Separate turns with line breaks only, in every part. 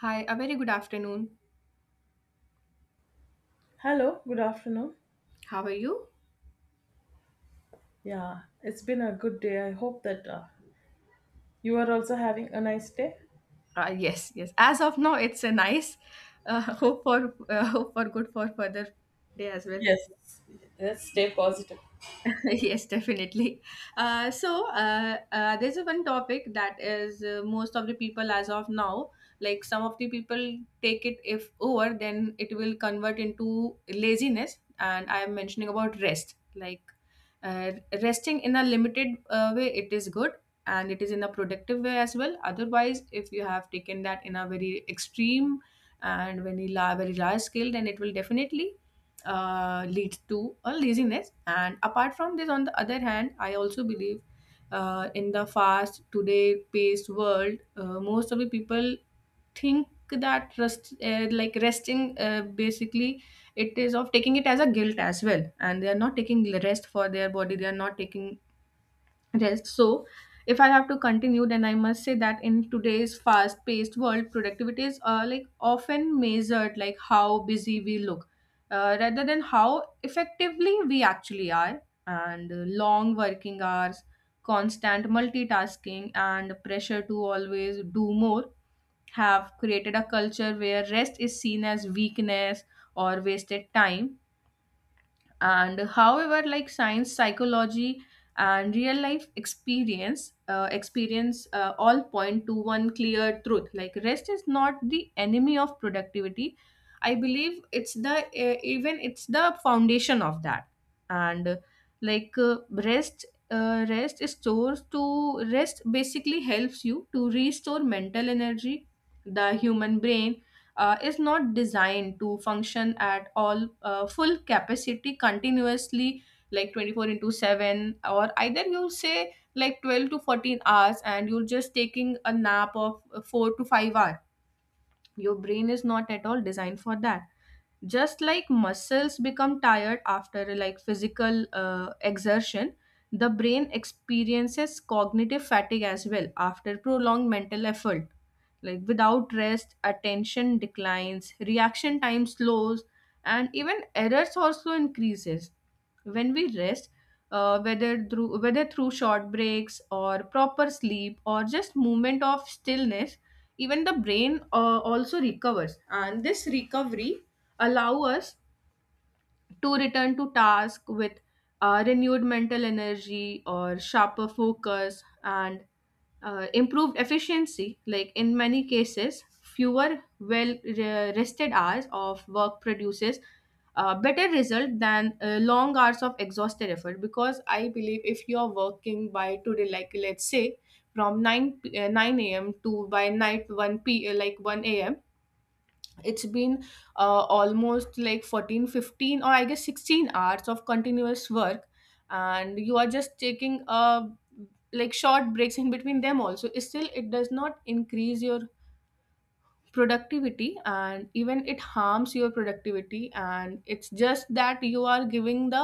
Hi, a very good afternoon.
Hello, good afternoon.
How are you?
Yeah, it's been a good day. I hope that you are also having a nice day.
Yes, yes. As of now, it's a nice hope for hope for good for further day as well.
Yes, let's stay positive.
Yes, definitely. There's a one topic that is most of the people as of now, like some of the people take it if over, then it will convert into laziness. And I am mentioning about rest, like uh, resting in a limited way, it is good and it is in a productive way as well. Otherwise, if you have taken that in a very extreme and very, very large scale, then it will definitely leads to a laziness. And apart from this, on the other hand, I also believe in the fast today paced world, most of the people think that rest, like resting, basically, it is of taking it as a guilt as well, and they are not taking the rest for their body. They are not taking rest. So, if I have to continue, then I must say that in today's fast paced world, productivity is like often measured like how busy we look rather than how effectively we actually are. And Long working hours, constant multitasking, and pressure to always do more have created a culture where rest is seen as weakness or wasted time, and however, like science, psychology and real life experience, all point to one clear truth, like rest is not the enemy of productivity. I believe it's the even it's the foundation of that. And like Rest, rest is stores to rest basically helps you to restore mental energy. The human brain is not designed to function at all full capacity continuously, like 24 into 7, or either you'll say like 12 to 14 hours and you're just taking a nap of 4 to 5 hours. Your brain is not at all designed for that. Just like muscles become tired after like physical exertion, the brain experiences cognitive fatigue as well after prolonged mental effort. Like without rest, attention declines, reaction time slows, and even errors also increases. When we rest, whether through short breaks or proper sleep or just movement of stillness, even the brain also recovers, and this recovery allow us to return to task with renewed mental energy or sharper focus and improved efficiency. Like in many cases, fewer rested hours of work produces a better result than long hours of exhausted effort, because I believe if you are working by today, like let's say from 9 a.m. to by night 1 p uh, like 1 a.m., it's been almost like 14, 15, or I guess 16 hours of continuous work, and you are just taking like short breaks in between them also, still it does not increase your productivity, and even it harms your productivity, and it's just that you are giving the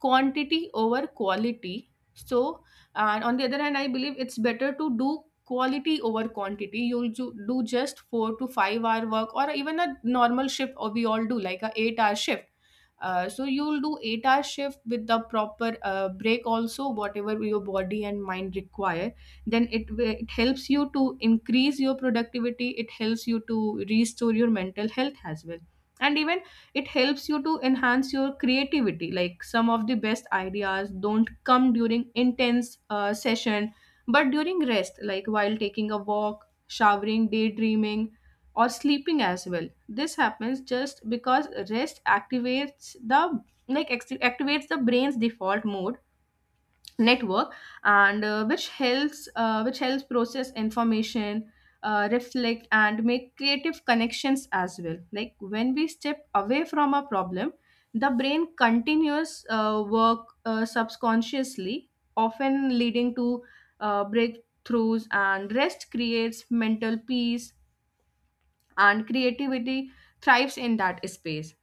quantity over quality. So, and on the other hand, I believe it's better to do quality over quantity. Do just 4 to 5 hour work, or even a normal shift, or we all do like a 8-hour shift. So you'll do 8-hour shift with the proper break also, whatever your body and mind require. Then it helps you to increase your productivity, it helps you to restore your mental health as well, and even it helps you to enhance your creativity. Like some of the best ideas don't come during intense session, but during rest, like while taking a walk, showering, daydreaming, or sleeping as well. This happens just because rest activates the activates the brain's default mode network, and which helps process information, reflect, and make creative connections as well. Like when we step away from a problem, the brain continues work subconsciously, often leading to breakthroughs, and rest creates mental peace, and creativity thrives in that space.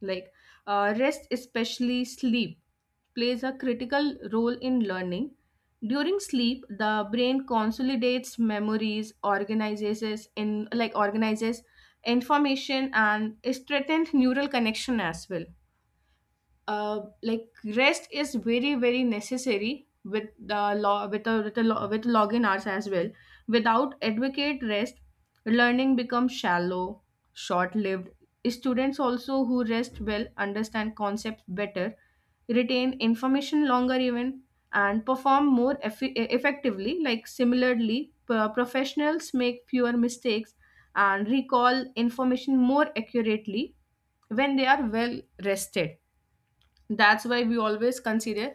like Rest, especially sleep, plays a critical role in learning. During sleep, the brain consolidates memories, organizes in like organizes information and strengthens neural connection as well. uh, like Rest is very very necessary with the law with a lo- with login hours as well. Without adequate rest, learning becomes shallow, short lived. Students also who rest well understand concepts better, retain information longer even, and perform more effectively. Like similarly, professionals make fewer mistakes and recall information more accurately when they are well rested. That's why we always consider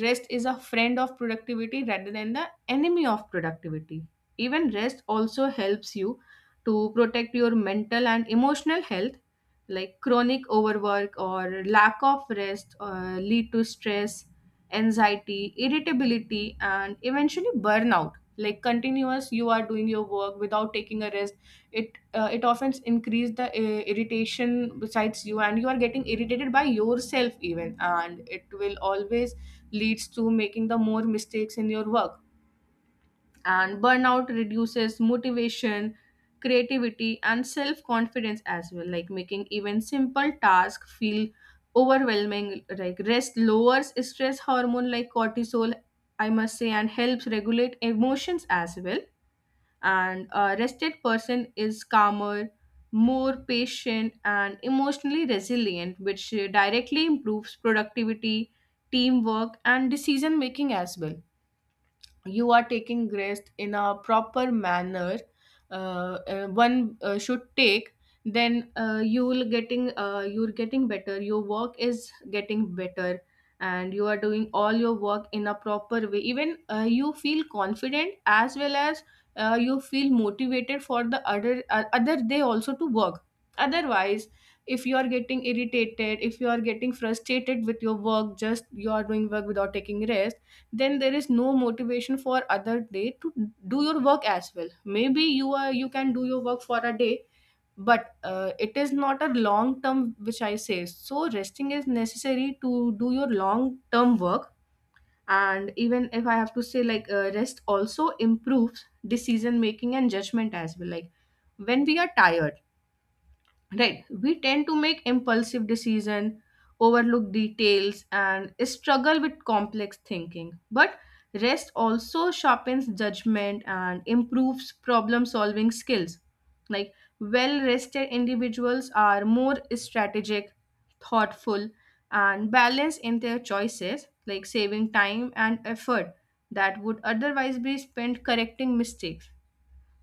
rest is a friend of productivity rather than the enemy of productivity. Even rest also helps you to protect your mental and emotional health, like chronic overwork or lack of rest lead to stress, anxiety, irritability, and eventually burnout. Like continuous, you are doing your work without taking a rest, it often increase the irritation besides you, and you are getting irritated by yourself even, and it will always leads to making the more mistakes in your work. And burnout reduces motivation, creativity, and self confidence as well, like making even simple task feel overwhelming. Like rest lowers stress hormone like cortisol, I must say, and helps regulate emotions as well. And a rested person is calmer, more patient, and emotionally resilient, which directly improves productivity, teamwork, and decision making as well. You are taking rest in a proper manner, one should take, then you're getting better, your work is getting better, and you are doing all your work in a proper way. Even you feel confident as well as you feel motivated for the other day also to work. Otherwise, if you are getting irritated, if you are getting frustrated with your work, just you are doing work without taking rest, then there is no motivation for other day to do your work as well. Maybe you are you can do your work for a day, but it is not a long term, which I say. So resting is necessary to do your long term work. And even if I have to say, rest also improves decision making and judgment as well. Like when we are tired, right. We tend to make impulsive decision, overlook details, and struggle with complex thinking. But rest also sharpens judgment and improves problem solving skills. Like well rested individuals are more strategic, thoughtful, and balanced in their choices, like saving time and effort that would otherwise be spent correcting mistakes.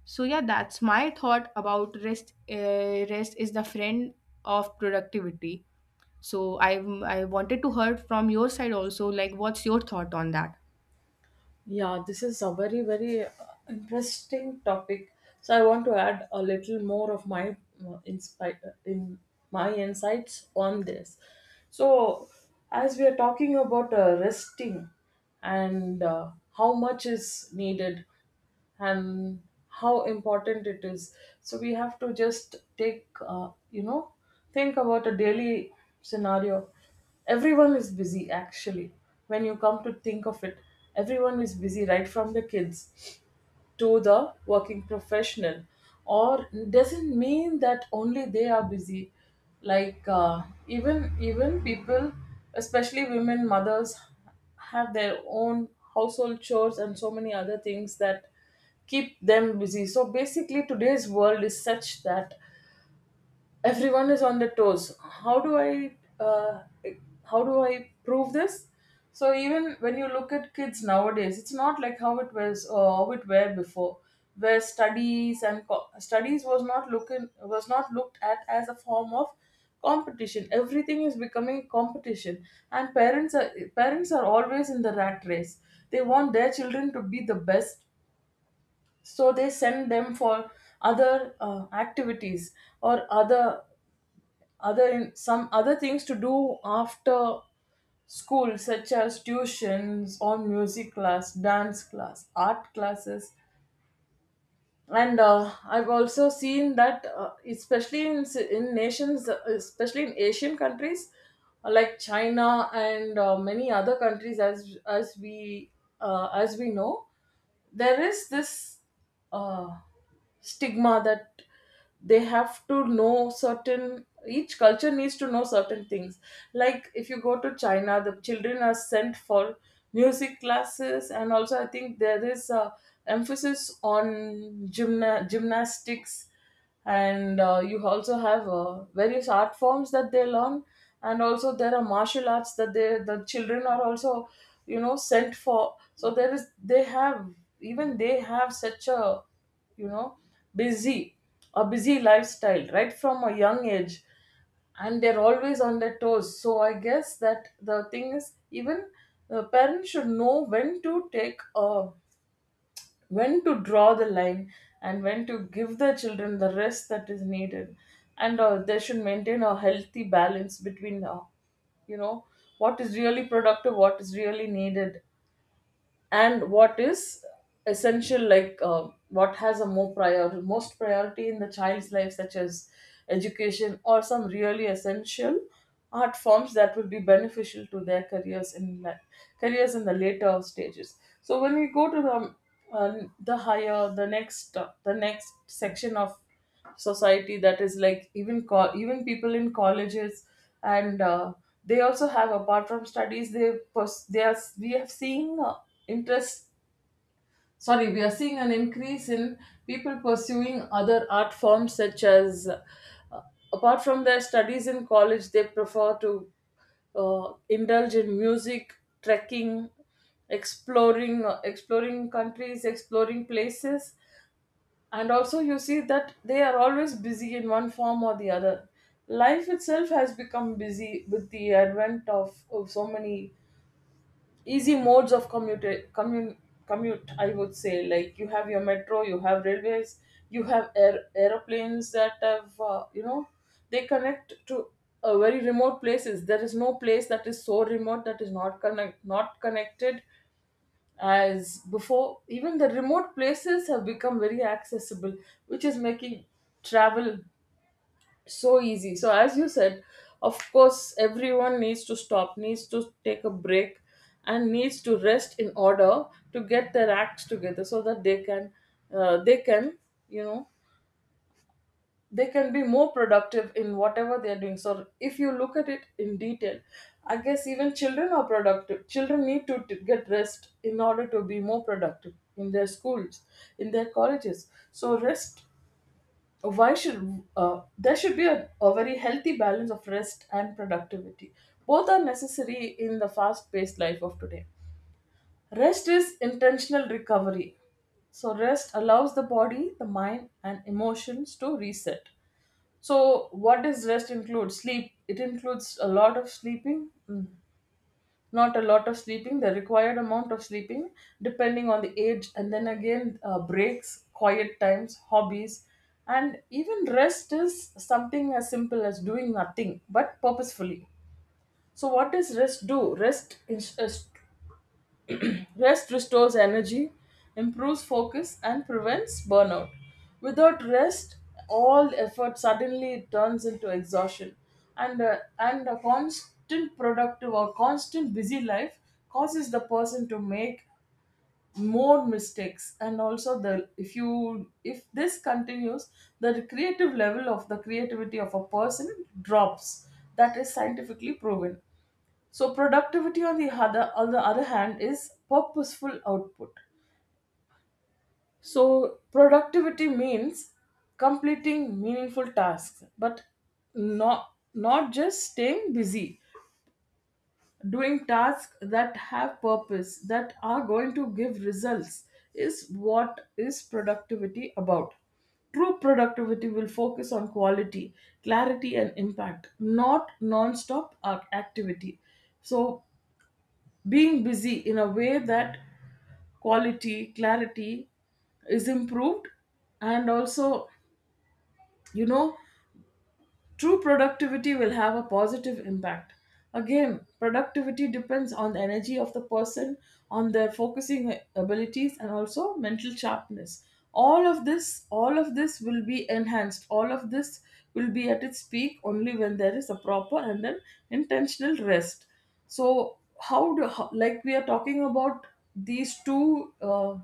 So yeah, that's my thought about rest. Rest is the friend of productivity. So I wanted to hear from your side also. Like, what's your thought on that?
Yeah, this is a very, very interesting topic. So I want to add a little more of my inspi- in my insights on this. So as we are talking about resting and how much is needed and how important it is, so we have to just take think about a daily scenario. Everyone is busy actually, when you come to think of it. Everyone is busy, right from the kids to the working professional, or doesn't mean that only they are busy. Like even people, especially women, mothers, have their own household chores and so many other things that keep them busy. So basically today's world is such that everyone is on the toes. How do I uh, how do I prove this? So even when you look at kids nowadays, it's not like how it was or how it were before, where studies was not looking was not looked at as a form of competition. Everything is becoming competition, and parents are always in the rat race. They want their children to be the best, so they send them for other activities or other in some other things to do after school, such as tuitions or music class, dance class, art classes. And I've also seen that especially in, in nations, especially in Asian countries, like China, and many other countries, as we as we know, there is this uh, stigma that they have to know certain, each culture needs to know certain things. Like if you go to China, the children are sent for music classes, and also I think there is a emphasis on gymnastics, and you also have various art forms that they learn. And also there are martial arts that the children are also, you know, sent for. So there is, they have, even they have such a, you know, busy a busy lifestyle right from a young age, and they're always on their toes. So I guess that the thing is, even the parents should know when to take a, when to draw the line, and when to give their children the rest that is needed. And they should maintain a healthy balance between you know what is really productive, what is really needed, and what is essential. Like what has a more prior most priority in the child's life, such as education or some really essential art forms that will be beneficial to their careers in la- careers in the later stages. So when we go to uh, the higher the next section of society, that is, like, even people in colleges. And they also have, apart from studies, they pers- they are we are seeing interest sorry we are seeing an increase in people pursuing other art forms, such as apart from their studies in college, they prefer to indulge in music, trekking, exploring countries, exploring places. And also, you see that they are always busy in one form or the other. Life itself has become busy with the advent of, so many easy modes of commute. Commute, I would say, like you have your metro, you have railways, you have air, aeroplanes that have, they connect to very remote places. There is no place that is so remote that is not connected as before. Even the remote places have become very accessible, which is making travel so easy. So, as you said, of course everyone needs to stop, needs to take a break and needs to rest in order to get their acts together so that they can they can, you know, they can be more productive in whatever they are doing. So if you look at it in detail, I guess even children are productive, children need to get rest in order to be more productive in their schools, in their colleges. So rest, why should, there should be a very healthy balance of rest and productivity. Both are necessary in the fast paced life of today. Rest is intentional recovery, so rest allows the body, the mind and emotions to reset. So, what does rest include? Sleep. It includes a lot of sleeping, mm, not a lot of sleeping, the required amount of sleeping, depending on the age, and then again, breaks, quiet times, hobbies, and even rest is something as simple as doing nothing but purposefully. So, what does rest do? Rest is Rest restores energy, improves focus, and prevents burnout. Without rest, all effort suddenly turns into exhaustion, and a constant productive or constant busy life causes the person to make more mistakes. And also the if you, if this continues, the creativity of a person drops. That is scientifically proven. So productivity, on the other hand, is purposeful output. So productivity means completing meaningful tasks, but not just staying busy. Doing tasks that have purpose, that are going to give results, is what is productivity about. True productivity will focus on quality, clarity, and impact, not non stop activity. So, being busy in a way that quality, clarity is improved, and also, you know, true productivity will have a positive impact. Again, productivity depends on the energy of the person, on their focusing abilities, and also mental sharpness. All of this will be enhanced. All of this will be at its peak only when there is a proper and an intentional rest. So, how, like we are talking about these two uh,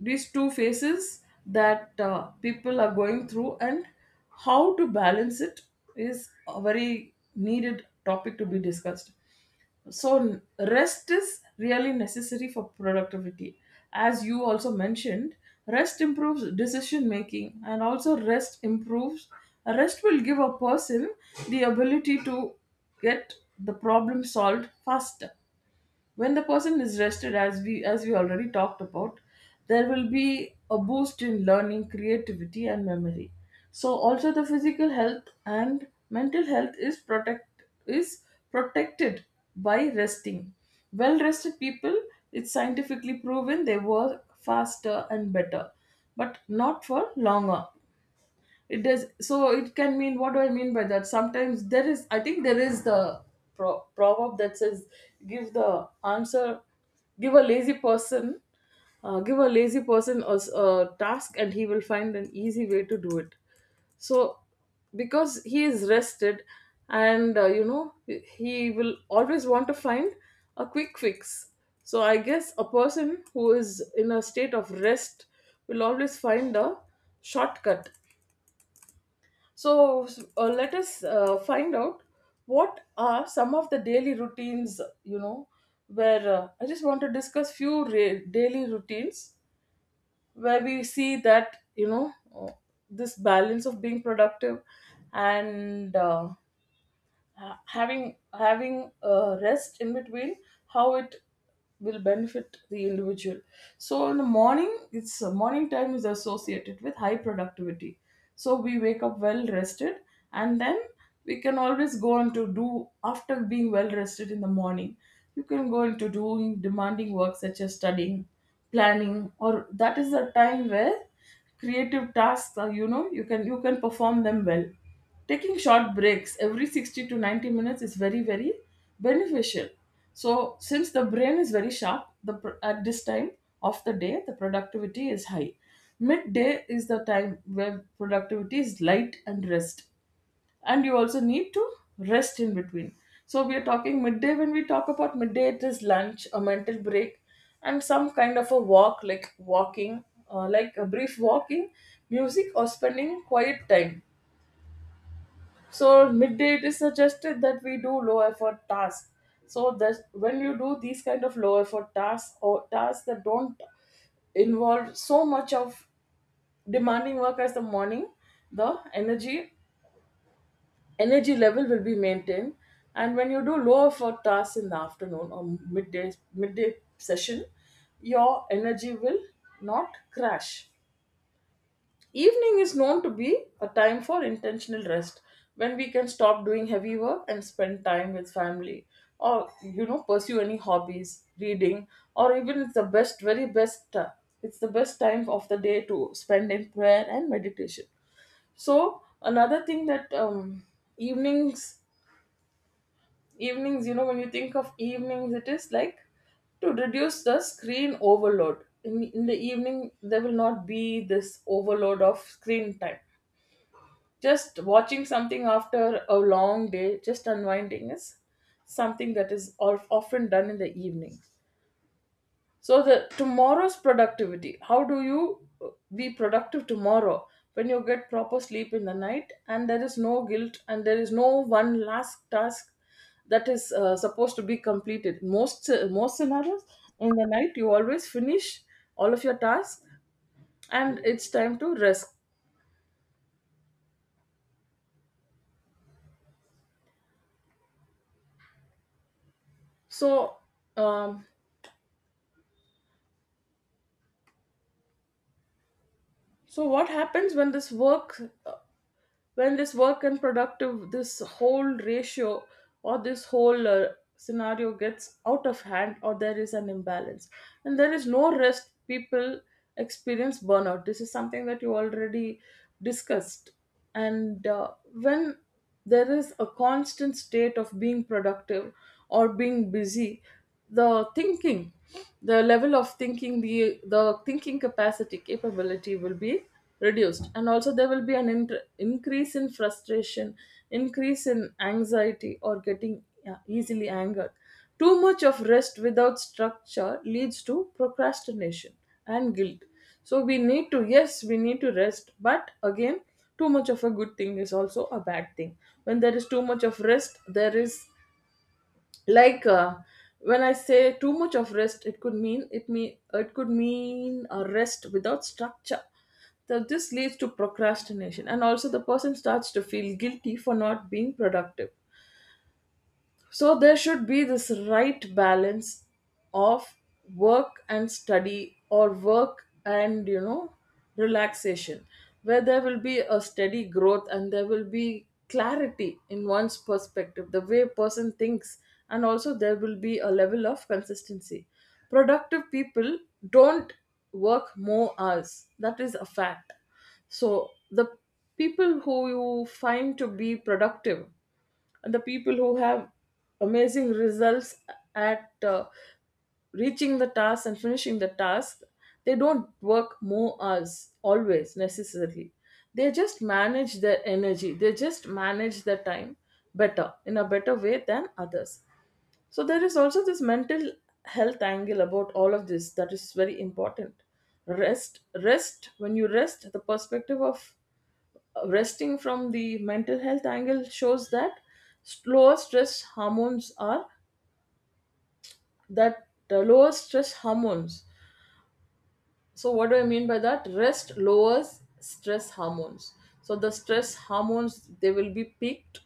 these two phases that people are going through and how to balance it is a very needed topic to be discussed. So rest is really necessary for productivity. As you also mentioned, rest improves decision making, and also rest will give a person the ability to get the problem solved faster. When the person is rested, as we already talked about, there will be a boost in learning, creativity and memory. So also the physical health and mental health is protected by resting. Well rested people, it's scientifically proven, they work faster and better, but not for longer. It does, so it can mean, what do I mean by that? Sometimes there is, I think there is the proverb that says, give the answer give a lazy person, give a lazy person a, a task, and he will find an easy way to do it. So because he is rested, and you know, he will always want to find a quick fix. So I guess a person who is in a state of rest will always find a shortcut. So let us find out what are some of the daily routines, you know, where I just want to discuss daily routines where we see that, you know, this balance of being productive and ha- having having rest in between, how it will benefit the individual. So in the morning, it's morning time is associated with high productivity. So we wake up well rested, and then we can always go on to do, after being well rested in the morning, you can go into doing demanding work such as studying, planning, or that is the time where creative tasks are, you know, you can, you can perform them well. Taking short breaks every 60 to 90 minutes is very, very beneficial. So since the brain is very sharp, at this time of the day, the productivity is high. Midday is the time where productivity is light, and rest, and you also need to rest in between. So we are talking midday. When we talk about midday, it is lunch, a mental break, and some kind of a walk, like walking, like a brief walking, music, or spending quiet time. So midday, it is suggested that we do low effort tasks. So that when you do these kind of low effort tasks or tasks that don't involve so much of demanding work as the morning, the energy level will be maintained. And when you do lower for tasks in the afternoon or midday session, your energy will not crash. Evening is known to be a time for intentional rest, when we can stop doing heavy work and spend time with family, or you know, pursue any hobbies, reading, or even it's the best, very best it's the best time of the day to spend in prayer and meditation. So another thing that, evenings, evenings, when you think of evenings, it is like to reduce the screen overload. In the evening there will not be this overload of screen time. Just watching something after a long day, just unwinding, is something that is often done in the evening. So the tomorrow's productivity, how do you be productive tomorrow? When you get proper sleep in the night and there is no guilt and there is no one last task that is supposed to be completed. Most scenarios, in the night you always finish all of your tasks and it's time to rest. So um, so what happens when this work, when this work and productive, this whole ratio, or this whole scenario gets out of hand, or there is an imbalance and there is no rest? People experience burnout. This is something that you already discussed. And when there is a constant state of being productive or being busy, the thinking, the level of thinking, the thinking capacity, capability, will be reduced, and also there will be an increase in frustration, increase in anxiety, or getting, yeah, easily angered. Too much of rest without structure leads to procrastination and guilt. So we need to, yes, we need to rest, but again, too much of a good thing is also a bad thing. When there is too much of rest, there is like uh, when I say too much of rest, it could mean, it could mean a rest without structure. So this leads to procrastination, and also the person starts to feel guilty for not being productive. So there should be this right balance of work and study, or work and, you know, relaxation, where there will be a steady growth and there will be clarity in one's perspective, the way a person thinks. And also there will be a level of consistency. Productive people don't work more hours, that is a fact. So the people who you find to be productive, and the people who have amazing results at reaching the task and finishing the task, they don't work more hours always necessarily. They just manage their energy, they just manage their time better, in a better way than others. So there is also this mental health angle about all of this, that is very important. Rest. When you rest, the perspective of resting from the mental health angle shows that lower stress hormones are, that lower stress hormones. So what do I mean by that? Rest lowers stress hormones. So the stress hormones, they will be peaked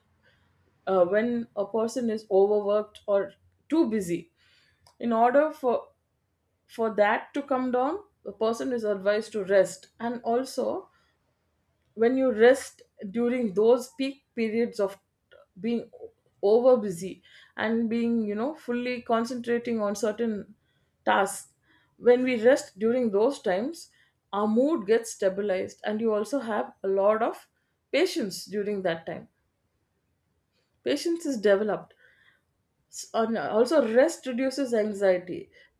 when a person is overworked or too busy. In order for that to come down, the person is advised to rest. And also, when you rest during those peak periods of being over busy and being, you know, fully concentrating on certain tasks, when we rest during those times, our mood gets stabilized and you also have a lot of patience during that time. Patience is developed. And also rest reduces anxiety.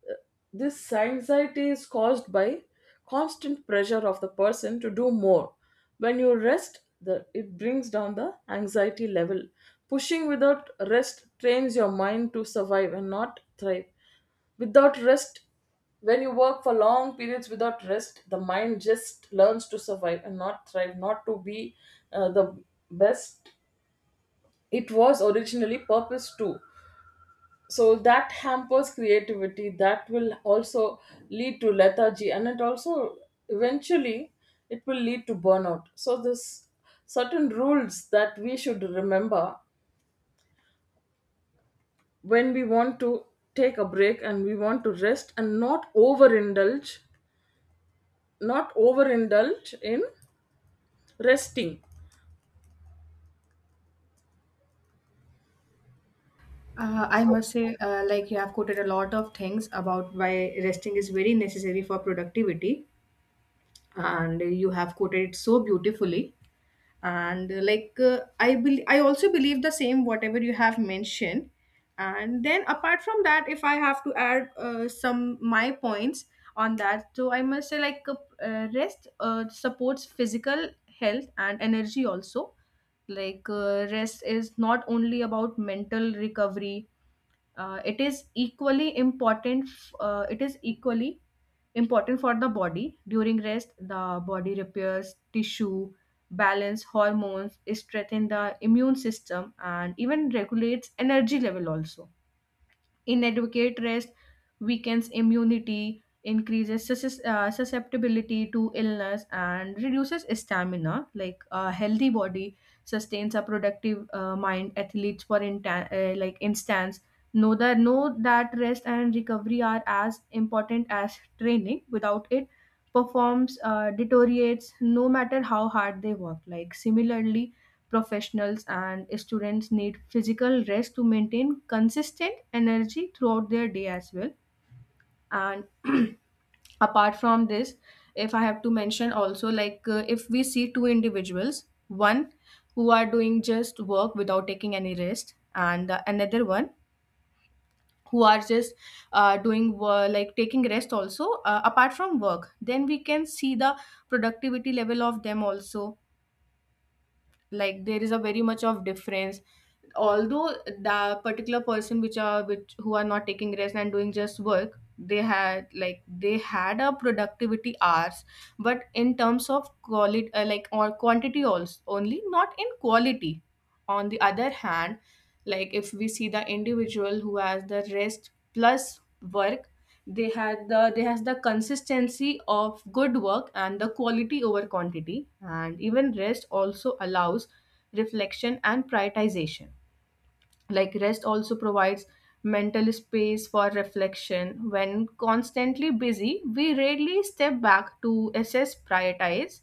Uh, this anxiety is caused by constant pressure of the person to do more. When you rest, the, it brings down the anxiety level. Pushing without rest trains your mind to survive and not thrive. Without rest, when you work for long periods without rest, the mind just learns to survive and not thrive, not to be the best it was originally purpose to. So that hampers creativity, that will also lead to lethargy, and it also eventually, it will lead to burnout. So this, certain rules that we should remember when we want to take a break and we want to rest and not overindulge, not overindulge in resting.
I
So
must say, like you have quoted a lot of things about why resting is very necessary for productivity, and you have quoted it so beautifully. And like I bel I also believe the same whatever you have mentioned. And then apart from that, if I have to add some my points on that, so I must say rest supports physical health and energy also. Rest is not only about mental recovery. It is equally important for the body. During rest, the body repairs tissue, balance hormones, strengthen the immune system, and even regulates energy level also. Inadequate rest weakens immunity, increases susceptibility to illness, and reduces stamina. Like a healthy body sustains a productive mind. Athletes, for instance, know that rest and recovery are as important as training. Without it, performs deteriorates no matter how hard they work. Like similarly, professionals and students need physical rest to maintain consistent energy throughout their day as well. And apart from this, if I have to mention also, if we see two individuals, one who are doing just work without taking any rest, and another one who are just doing wo- like taking rest also apart from work, then we can see the productivity level of them also. Like there is a very much of difference. Although the particular person which are which who are not taking rest and doing just work, they had like they had a productivity hours, but in terms of quality or quantity also, only not in quality. On the other hand, like if we see the individual who has the rest plus work, they had the they has the consistency of good work and the quality over quantity. And even rest also allows reflection and prioritization. Like rest also provides mental space for reflection. When constantly busy, we rarely step back to assess, prioritize,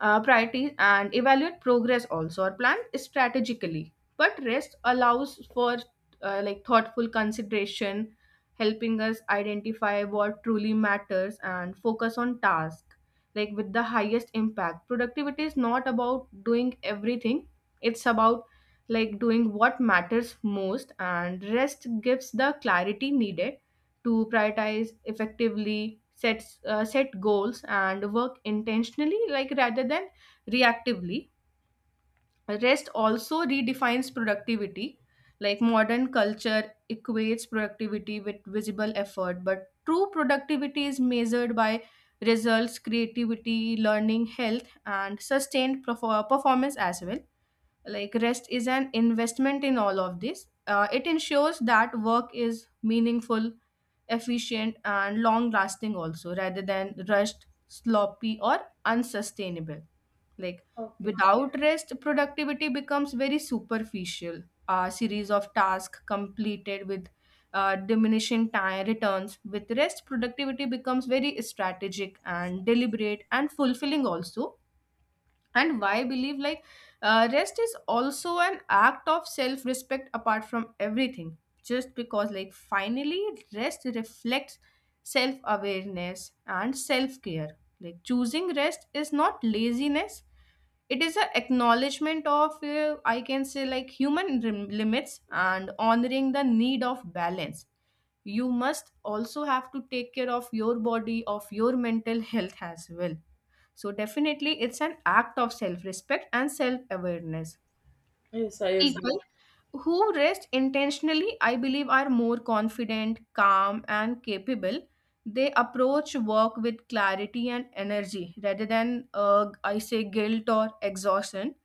uh, priorities, and evaluate progress also, or plan strategically, but rest allows for thoughtful consideration, helping us identify what truly matters and focus on tasks like with the highest impact. Productivity is not about doing everything, it's about like doing what matters most, and rest gives the clarity needed to prioritize effectively, set goals and work intentionally, like rather than reactively. Rest also redefines productivity. Like modern culture equates productivity with visible effort, but true productivity is measured by results, creativity, learning, health, and sustained performance as well. Like, rest is an investment in all of this. It ensures that work is meaningful, efficient, and long lasting also, rather than rushed, sloppy, or unsustainable. Like
okay.
without rest, productivity becomes very superficial, a series of tasks completed with diminishing time returns. With rest, productivity becomes very strategic and deliberate and fulfilling also. And why I believe, like, rest is also an act of self respect, apart from everything. Just because, like, finally, rest reflects self awareness and self care. Like, choosing rest is not laziness, it is an acknowledgement of, I can say, like, human limits, and honoring the need of balance. You must also have to take care of your body, of your mental health as well. So, definitely, it's an act of self respect and self awareness.
Yes, I agree.
People who rest intentionally, I believe, are more confident, calm, and capable. They approach work with clarity and energy rather than, I say, guilt or exhaustion.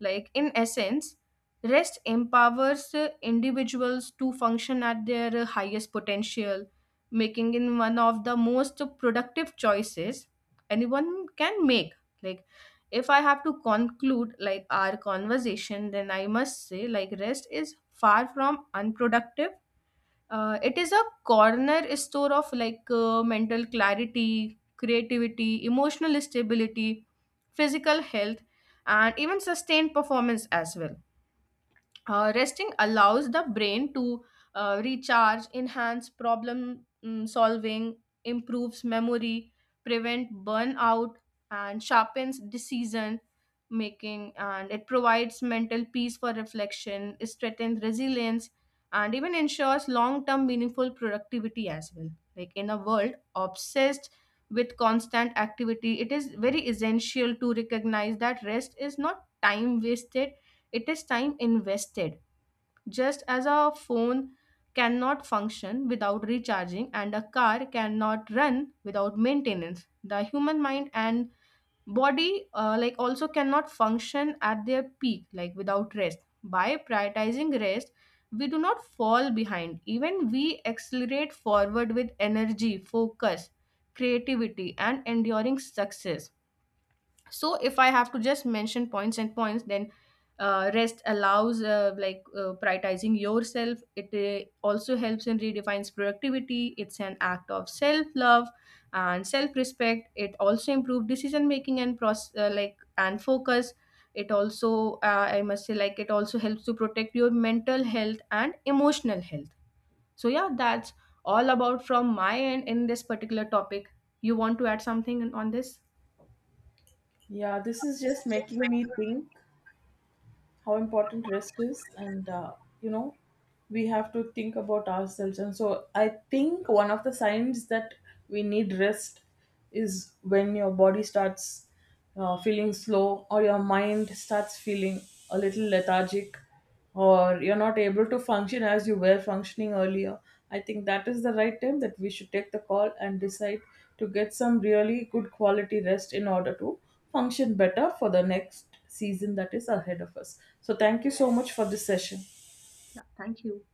Like, in essence, rest empowers individuals to function at their highest potential, making it one of the most productive choices anyone can make. Like, if I have to conclude, like, our conversation, then I must say, like, rest is far from unproductive. It is a corner store of, like, mental clarity, creativity, emotional stability, physical health, and even sustained performance as well. Resting allows the brain to recharge, enhance problem solving, improves memory, prevent burnout, and sharpens decision making. And it provides mental peace for reflection, strengthens resilience, and even ensures long term meaningful productivity as well. Like, in a world obsessed with constant activity, it is very essential to recognize that rest is not time wasted, it is time invested. Just as a phone cannot function without recharging and a car cannot run without maintenance, the human mind and body, also cannot function at their peak, like, without rest. By prioritizing rest, we do not fall behind. Even we accelerate forward with energy, focus, creativity, and enduring success. So if I have to just mention points and points, then rest allows, prioritizing yourself. It also helps and redefines productivity. It's an act of self love and self respect. It also improves decision making and process, and focus. It also, I must say, like, it also helps to protect your mental health and emotional health. So yeah, that's all about from my end in this particular topic. You want to add something on this?
Yeah, this is just making me think how important rest is. And you know, we have to think about ourselves. And so I think one of the signs that we need rest is when your body starts feeling slow, or your mind starts feeling a little lethargic, or you're not able to function as you were functioning earlier, I think that is the right time that we should take the call and decide to get some really good quality rest in order to function better for the next season that is ahead of us. So, thank you so much for this session.
Yeah, thank you.